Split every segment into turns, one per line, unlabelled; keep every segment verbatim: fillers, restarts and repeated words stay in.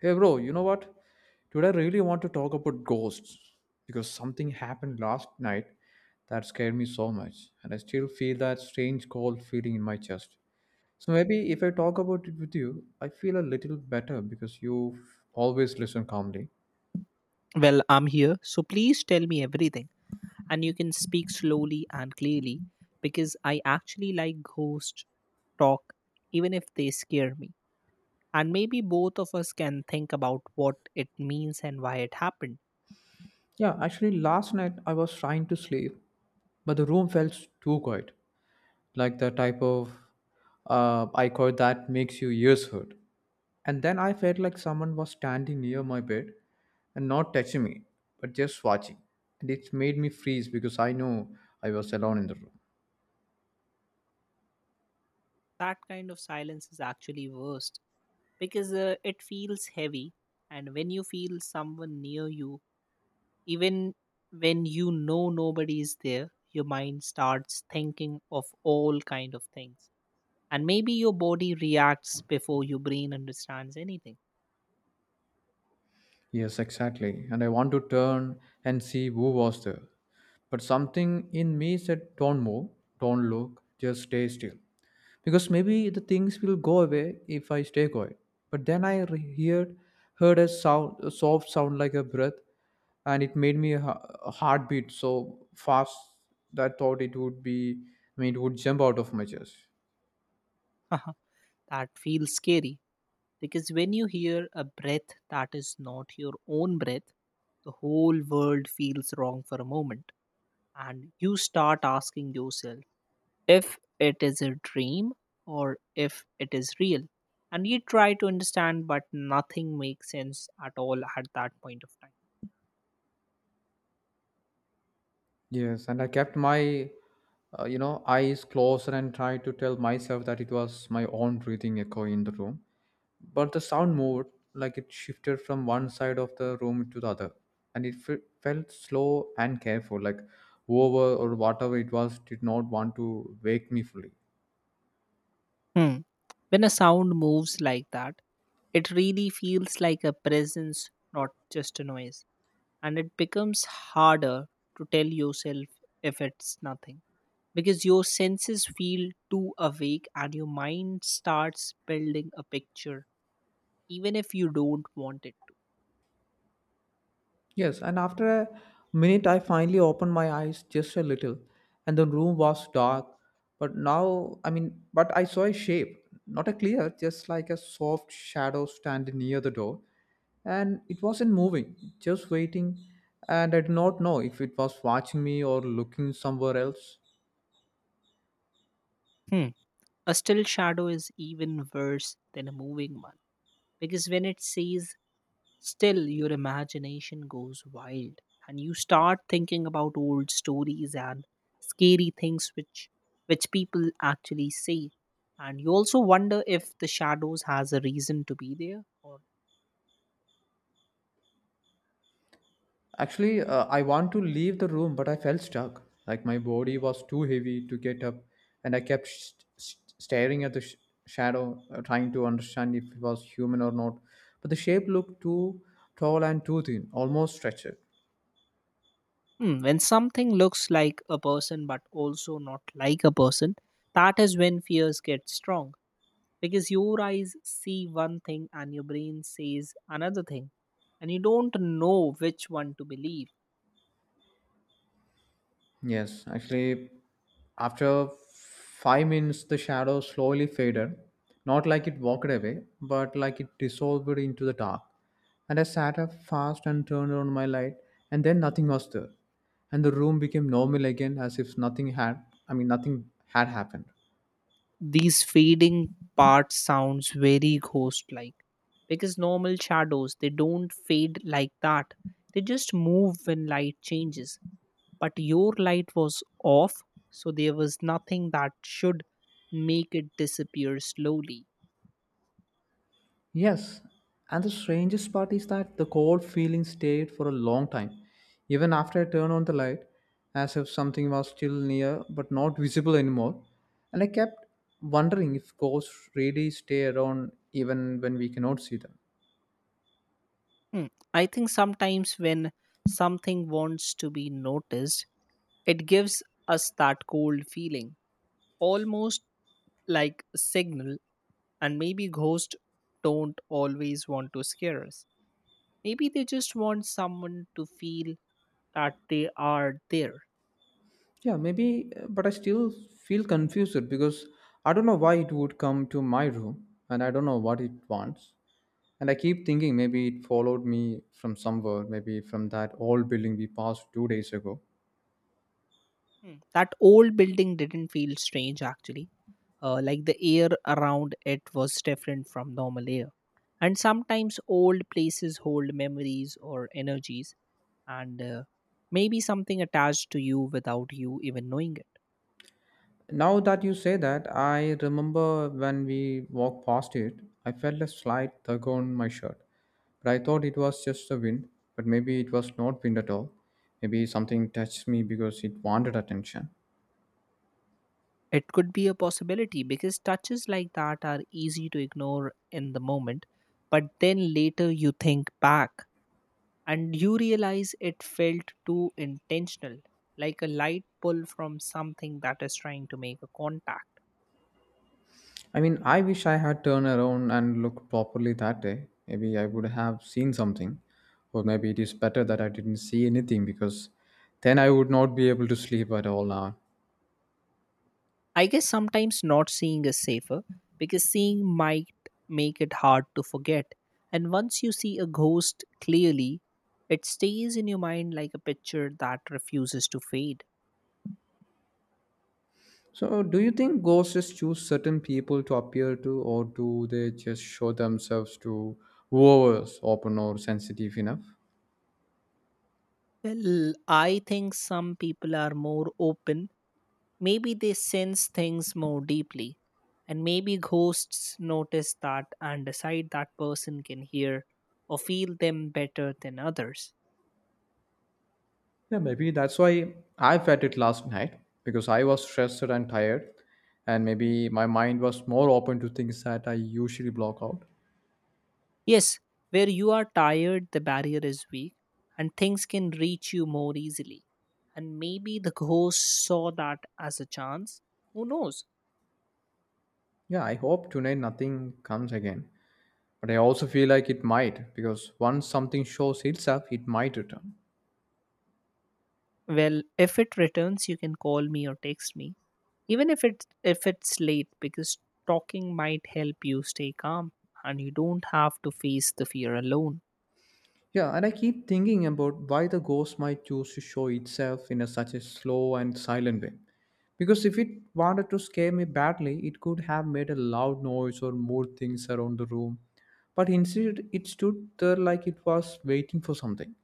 Hey, bro, you know what? Today I really want to talk about ghosts because something happened last night that scared me so much, and I still feel that strange cold feeling in my chest. So maybe if I talk about it with you, I feel a little better because you always listen calmly.
Well, I'm here, so please tell me everything. And you can speak slowly and clearly because I actually like ghost talk, even if they scare me. And maybe both of us can think about what it means and why it happened.
Yeah, actually, last night I was trying to sleep, but the room felt too quiet, like the type of uh, I that makes you ears hurt. And then I felt like someone was standing near my bed and not touching me, but just watching. And it made me freeze because I knew I was alone in the room.
That kind of silence is actually worst because uh, it feels heavy. And when you feel someone near you, even when you know nobody is there, your mind starts thinking of all kind of things. And maybe your body reacts before your brain understands anything.
Yes, exactly. And I want to turn and see who was there. But something in me said, "Don't move, don't look, just stay still," because maybe the things will go away if I stay quiet. But then I re- heard heard a sound, a soft sound like a breath, and it made me a, ha- a heartbeat so fast that I thought it would be, I mean, it would jump out of my chest.
That feels scary because when you hear a breath that is not your own breath, the whole world feels wrong for a moment. And you start asking yourself, if it is a dream or if it is real. And you try to understand, but nothing makes sense at all at that point of time.
Yes, and I kept my, uh, you know, eyes closed and tried to tell myself that it was my own breathing echo in the room, but the sound moved, like it shifted from one side of the room to the other, and it fe- felt slow and careful, like whoever or whatever it was did not want to wake me fully.
Hmm. When a sound moves like that, it really feels like a presence, not just a noise. And it becomes harder to tell yourself if it's nothing because your senses feel too awake and your mind starts building a picture even if you don't want it to.
Yes, and after a minute, I finally opened my eyes just a little, and the room was dark. But now, I mean, but I saw a shape, not a clear, just like a soft shadow standing near the door. And it wasn't moving, just waiting. And I did not know if it was watching me or looking somewhere else.
Hmm. A still shadow is even worse than a moving one because when it stays still, your imagination goes wild and you start thinking about old stories and scary things which which people actually say. And you also wonder if the shadows has a reason to be there. Or
Actually, uh, I want to leave the room, but I felt stuck, like my body was too heavy to get up, and I kept sh- sh- staring at the sh- shadow, uh, trying to understand if it was human or not. But the shape looked too tall and too thin, almost stretched.
hmm, when something looks like a person but also not like a person, that is when fears get strong because your eyes see one thing and your brain says another thing and you don't know which one to believe.
Yes, actually, after five minutes, the shadow slowly faded, not like it walked away, but like it dissolved into the dark. And I sat up fast and turned on my light, and then nothing was there. And the room became normal again, as if nothing had, I mean, nothing had happened.
These fading parts sounds very ghost like, because normal shadows they don't fade like that. They just move when light changes, but your light was off, so there was nothing that should make it disappear slowly.
Yes, and the strangest part is that the cold feeling stayed for a long time, even after I turned on the light, as if something was still near but not visible anymore. And I kept wondering if ghosts really stay around even when we cannot see them.
Hmm, I think sometimes when something wants to be noticed, it gives us that cold feeling, almost like a signal, and maybe ghosts don't always want to scare us. Maybe they just want someone to feel that they are there.
Yeah, maybe, uh, but I still feel confused because I don't know why it would come to my room and I don't know what it wants. And I keep thinking maybe it followed me from somewhere, maybe from that old building we passed two days ago.
Hmm. That old building didn't feel strange actually. Uh, like the air around it was different from normal air. And sometimes old places hold memories or energies, and uh, maybe something attached to you without you even knowing it.
Now that you say that, I remember when we walked past it, I felt a slight tug on my shirt. But I thought it was just the wind, but maybe it was not wind at all. Maybe something touched me because it wanted attention.
It could be a possibility because touches like that are easy to ignore in the moment, but then later you think back and you realize it felt too intentional, like a light pull from something that is trying to make a contact.
I mean, I wish I had turned around and looked properly that day. Maybe I would have seen something. Or maybe it is better that I didn't see anything because then I would not be able to sleep at all now.
I guess sometimes not seeing is safer because seeing might make it hard to forget. And once you see a ghost clearly, it stays in your mind like a picture that refuses to fade.
So, do you think ghosts choose certain people to appear to, or do they just show themselves to whoever's open or sensitive enough?
Well, I think some people are more open. Maybe they sense things more deeply. And maybe ghosts notice that and decide that person can hear or feel them better than others.
Yeah, maybe that's why I felt it last night because I was stressed and tired, and maybe my mind was more open to things that I usually block out.
Yes, where you are tired, the barrier is weak and things can reach you more easily. And maybe the ghost saw that as a chance. Who knows?
Yeah, I hope tonight nothing comes again, but I also feel like it might because once something shows itself, it might return.
Well, if it returns, you can call me or text me, even if it's if it's late, because talking might help you stay calm and you don't have to face the fear alone.
Yeah, and I keep thinking about why the ghost might choose to show itself in a, such a slow and silent way. Because if it wanted to scare me badly, it could have made a loud noise or moved things around the room. But instead, it stood there like it was waiting for something.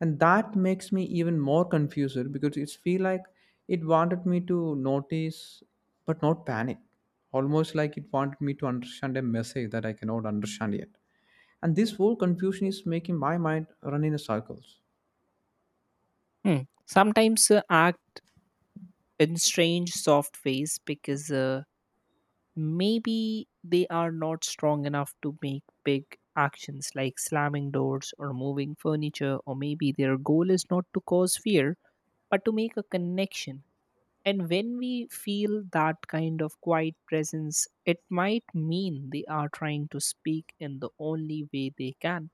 And that makes me even more confused because it feels like it wanted me to notice but not panic. Almost like it wanted me to understand a message that I cannot understand yet. And this whole confusion is making my mind run in circles.
Hmm. Sometimes uh, act in strange soft ways because uh, maybe they are not strong enough to make big actions like slamming doors or moving furniture, or maybe their goal is not to cause fear but to make a connection. And when we feel that kind of quiet presence, it might mean they are trying to speak in the only way they can.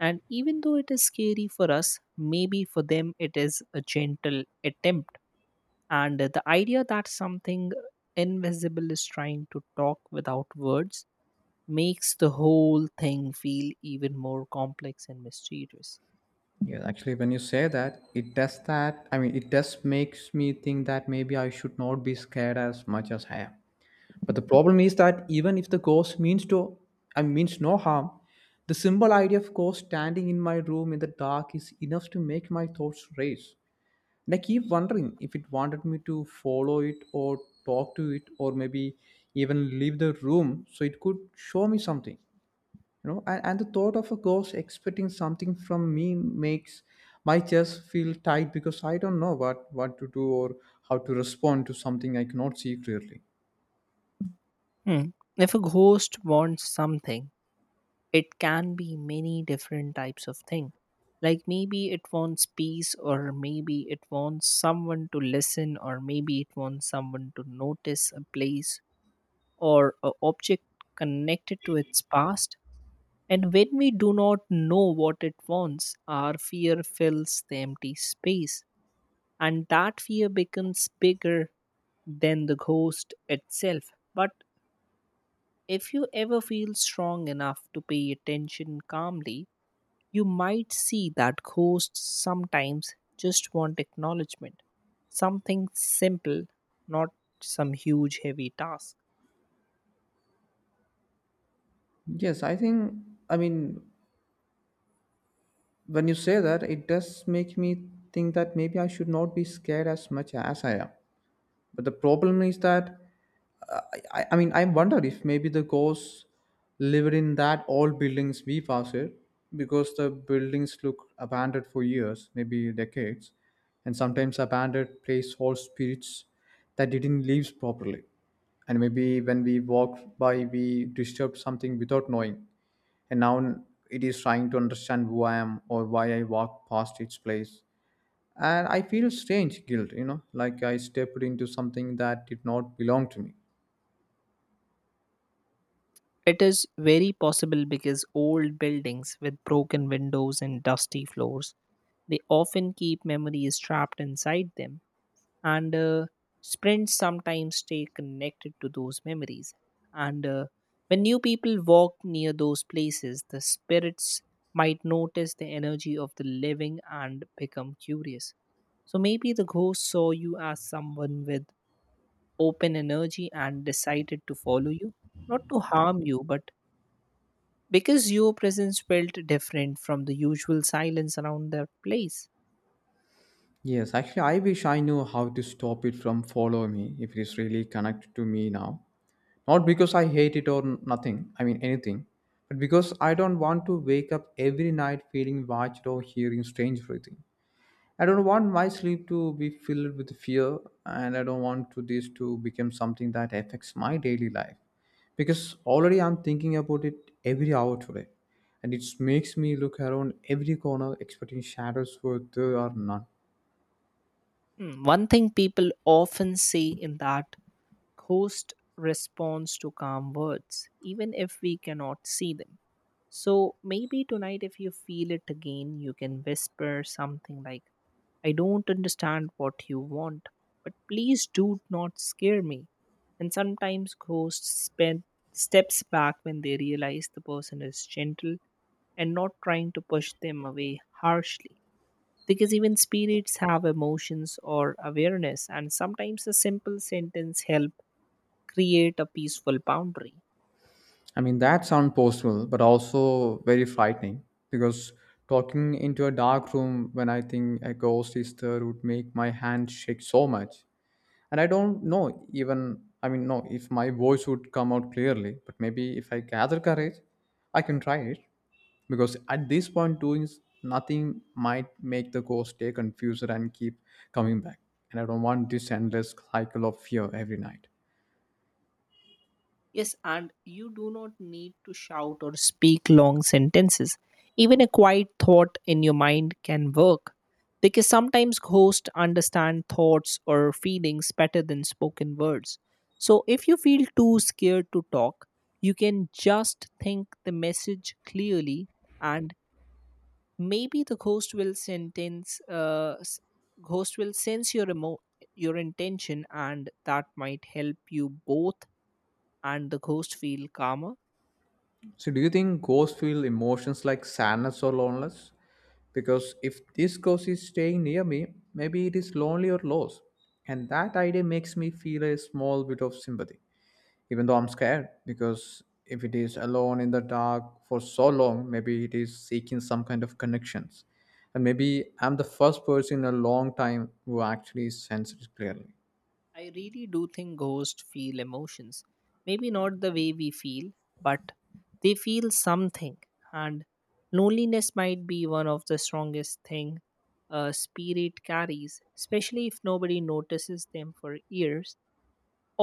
And even though it is scary for us, maybe for them it is a gentle attempt. And the idea that something invisible is trying to talk without words makes the whole thing feel even more complex and mysterious.
Yeah, actually, when you say that, it does that. I mean, it does makes me think that maybe I should not be scared as much as I am. But the problem is that even if the ghost means to I mean, means no harm, the simple idea of ghost standing in my room in the dark is enough to make my thoughts race. And I keep wondering if it wanted me to follow it or talk to it or maybe even leave the room so it could show me something. You know, and, and the thought of a ghost expecting something from me makes my chest feel tight because I don't know what what to do or how to respond to something I cannot see clearly.
Hmm. If a ghost wants something, it can be many different types of thing, like maybe it wants peace, or maybe it wants someone to listen, or maybe it wants someone to notice a place or a object connected to its past. And when we do not know what it wants, our fear fills the empty space, and that fear becomes bigger than the ghost itself. But if you ever feel strong enough to pay attention calmly, you might see that ghosts sometimes just want acknowledgement, something simple, not some huge heavy task.
Yes i think i mean when you say that, it does make me think that maybe I should not be scared as much as I am. But the problem is that uh, I, I I mean I wonder if maybe the ghosts lived in that old buildings we passed because the buildings look abandoned for years, maybe decades, and sometimes abandoned place hold spirits that didn't live properly. And maybe when we walked by, we disturbed something without knowing. And now it is trying to understand who I am or why I walked past its place, and I feel strange guilt, you know, like I stepped into something that did not belong to me.
It is very possible because old buildings with broken windows and dusty floors, they often keep memories trapped inside them. And uh, sprints sometimes stay connected to those memories. And uh, when new people walk near those places, the spirits might notice the energy of the living and become curious. So maybe the ghost saw you as someone with open energy and decided to follow you, not to harm you but because your presence felt different from the usual silence around that place.
Yes, actually, I wish I knew how to stop it from follow me if it is really connected to me now, not because I hate it or n- nothing I mean anything, but because I don't want to wake up every night feeling watched or hearing strange breathing. I don't want my sleep to be filled with fear, and I don't want to this to become something that affects my daily life. Because already I'm thinking about it every hour today, and it makes me look around every corner expecting shadows where there are none.
Hmm, one thing people often say in that host responds to calm words, even if we cannot see them. So maybe tonight, if you feel it again, you can whisper something like, "I don't understand what you want, but please do not scare me." And sometimes ghosts spend steps back when they realize the person is gentle and not trying to push them away harshly. Because even spirits have emotions or awareness, and sometimes a simple sentence helps create a peaceful boundary.
I mean, that sounds possible, but also very frightening because talking into a dark room when I think a ghost is there would make my hand shake so much. And I don't know, even I mean no if my voice would come out clearly, but maybe if I gather courage I can try it, because at this point doing s- nothing might make the ghost stay confused and keep coming back, and I don't want this endless cycle of fear every night.
Yes, and you do not need to shout or speak long sentences. Even a quiet thought in your mind can work because sometimes ghosts understand thoughts or feelings better than spoken words. So if you feel too scared to talk, you can just think the message clearly, and maybe the ghost will sentence uh, s- ghost will sense your emo- your intention, and that might help you both and the ghost feel calmer.
So do you think ghosts feel emotions like sadness or loneliness? Because if this ghost is staying near me, maybe it is lonely or lost, and that idea makes me feel a small bit of sympathy even though I'm scared, because if it is alone in the dark for so long, maybe it is seeking some kind of connections. And maybe I'm the first person in a long time who actually senses it clearly.
I really do think ghosts feel emotions, maybe not the way we feel, but they feel something. And loneliness might be one of the strongest thing a spirit carries, especially if nobody notices them for years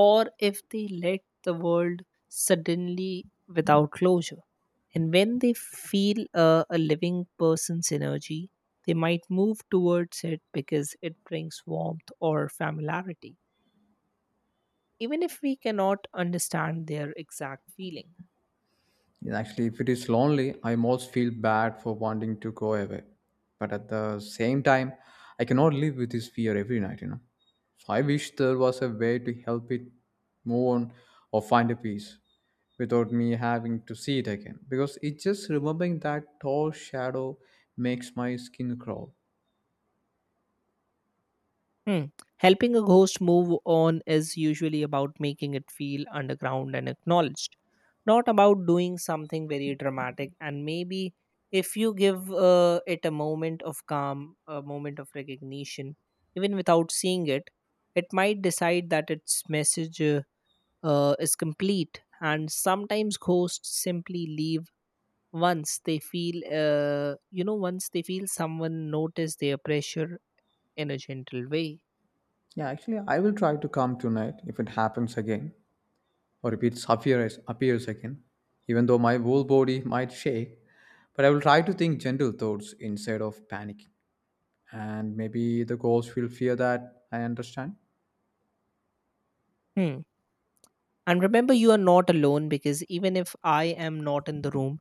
or if they let the world suddenly without closure. And when they feel uh, a living person's energy, they might move towards it because it brings warmth or familiarity, even if we cannot understand their exact feeling.
And actually, if it is lonely, I almost feel bad for wanting to go away. But at the same time, I cannot live with this fear every night, you know. So I wish there was a way to help it move on or find a peace without me having to see it again. Because it just remembering that tall shadow makes my skin crawl.
Hmm. Helping a ghost move on is usually about making it feel underground and acknowledged, not about doing something very dramatic. And maybe if you give uh, it a moment of calm, a moment of recognition, even without seeing it, it might decide that its message uh, uh, is complete. And sometimes ghosts simply leave once they feel, uh, you know, once they feel someone notice their pressure in a gentle way.
Yeah, actually, I will try to come tonight if it happens again, or if it appears, appears again, even though my whole body might shake. But I will try to think gentle thoughts instead of panicking. And maybe the ghost will fear that I understand.
Hmm. And remember, you are not alone, because even if I am not in the room,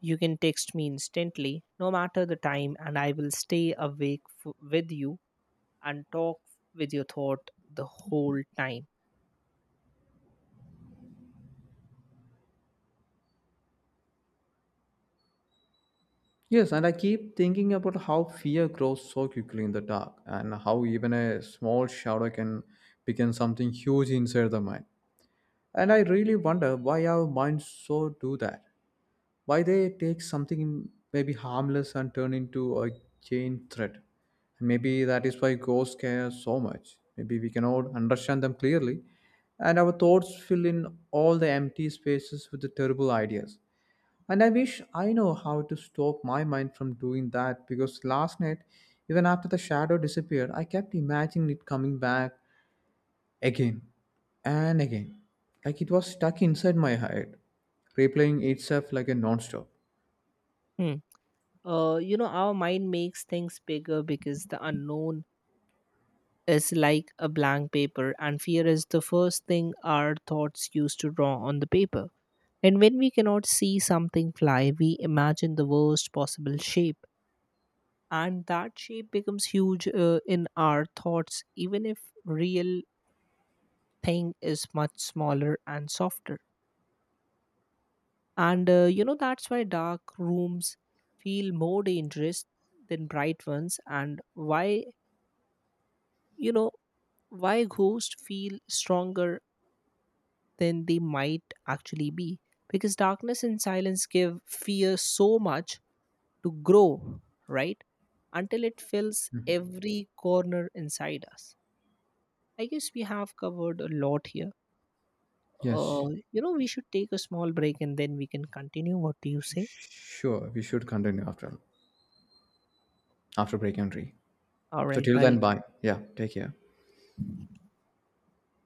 you can text me instantly, no matter the time, and I will stay awake f- with you and talk with your thought the whole time.
Yes, and I keep thinking about how fear grows so quickly in the dark and how even a small shadow can become something huge inside the mind. And I really wonder why our minds so do that. Why they take something maybe harmless and turn into a chain threat? And maybe that is why ghosts care so much. Maybe we cannot understand them clearly, and our thoughts fill in all the empty spaces with the terrible ideas. And I wish I know how to stop my mind from doing that because last night, even after the shadow disappeared, I kept imagining it coming back again and again, like it was stuck inside my head, replaying itself like a non-stop.
Hmm. Uh, you know, our mind makes things bigger because the unknown is like a blank paper, and fear is the first thing our thoughts used to draw on the paper. And when we cannot see something fly, we imagine the worst possible shape, and that shape becomes huge uh, in our thoughts, even if real thing is much smaller and softer. And uh, you know that's why dark rooms feel more dangerous than bright ones, and why, you know why ghosts feel stronger than they might actually be, because darkness and silence give fear so much to grow, right, until it fills every corner inside us. I guess we have covered a lot here.
Yes,
Uh, you know, we should take a small break and then we can continue. What do you say?
sh- sure. We should continue after after break and
All
so
right,
till then,
bye.
bye. Yeah, take care.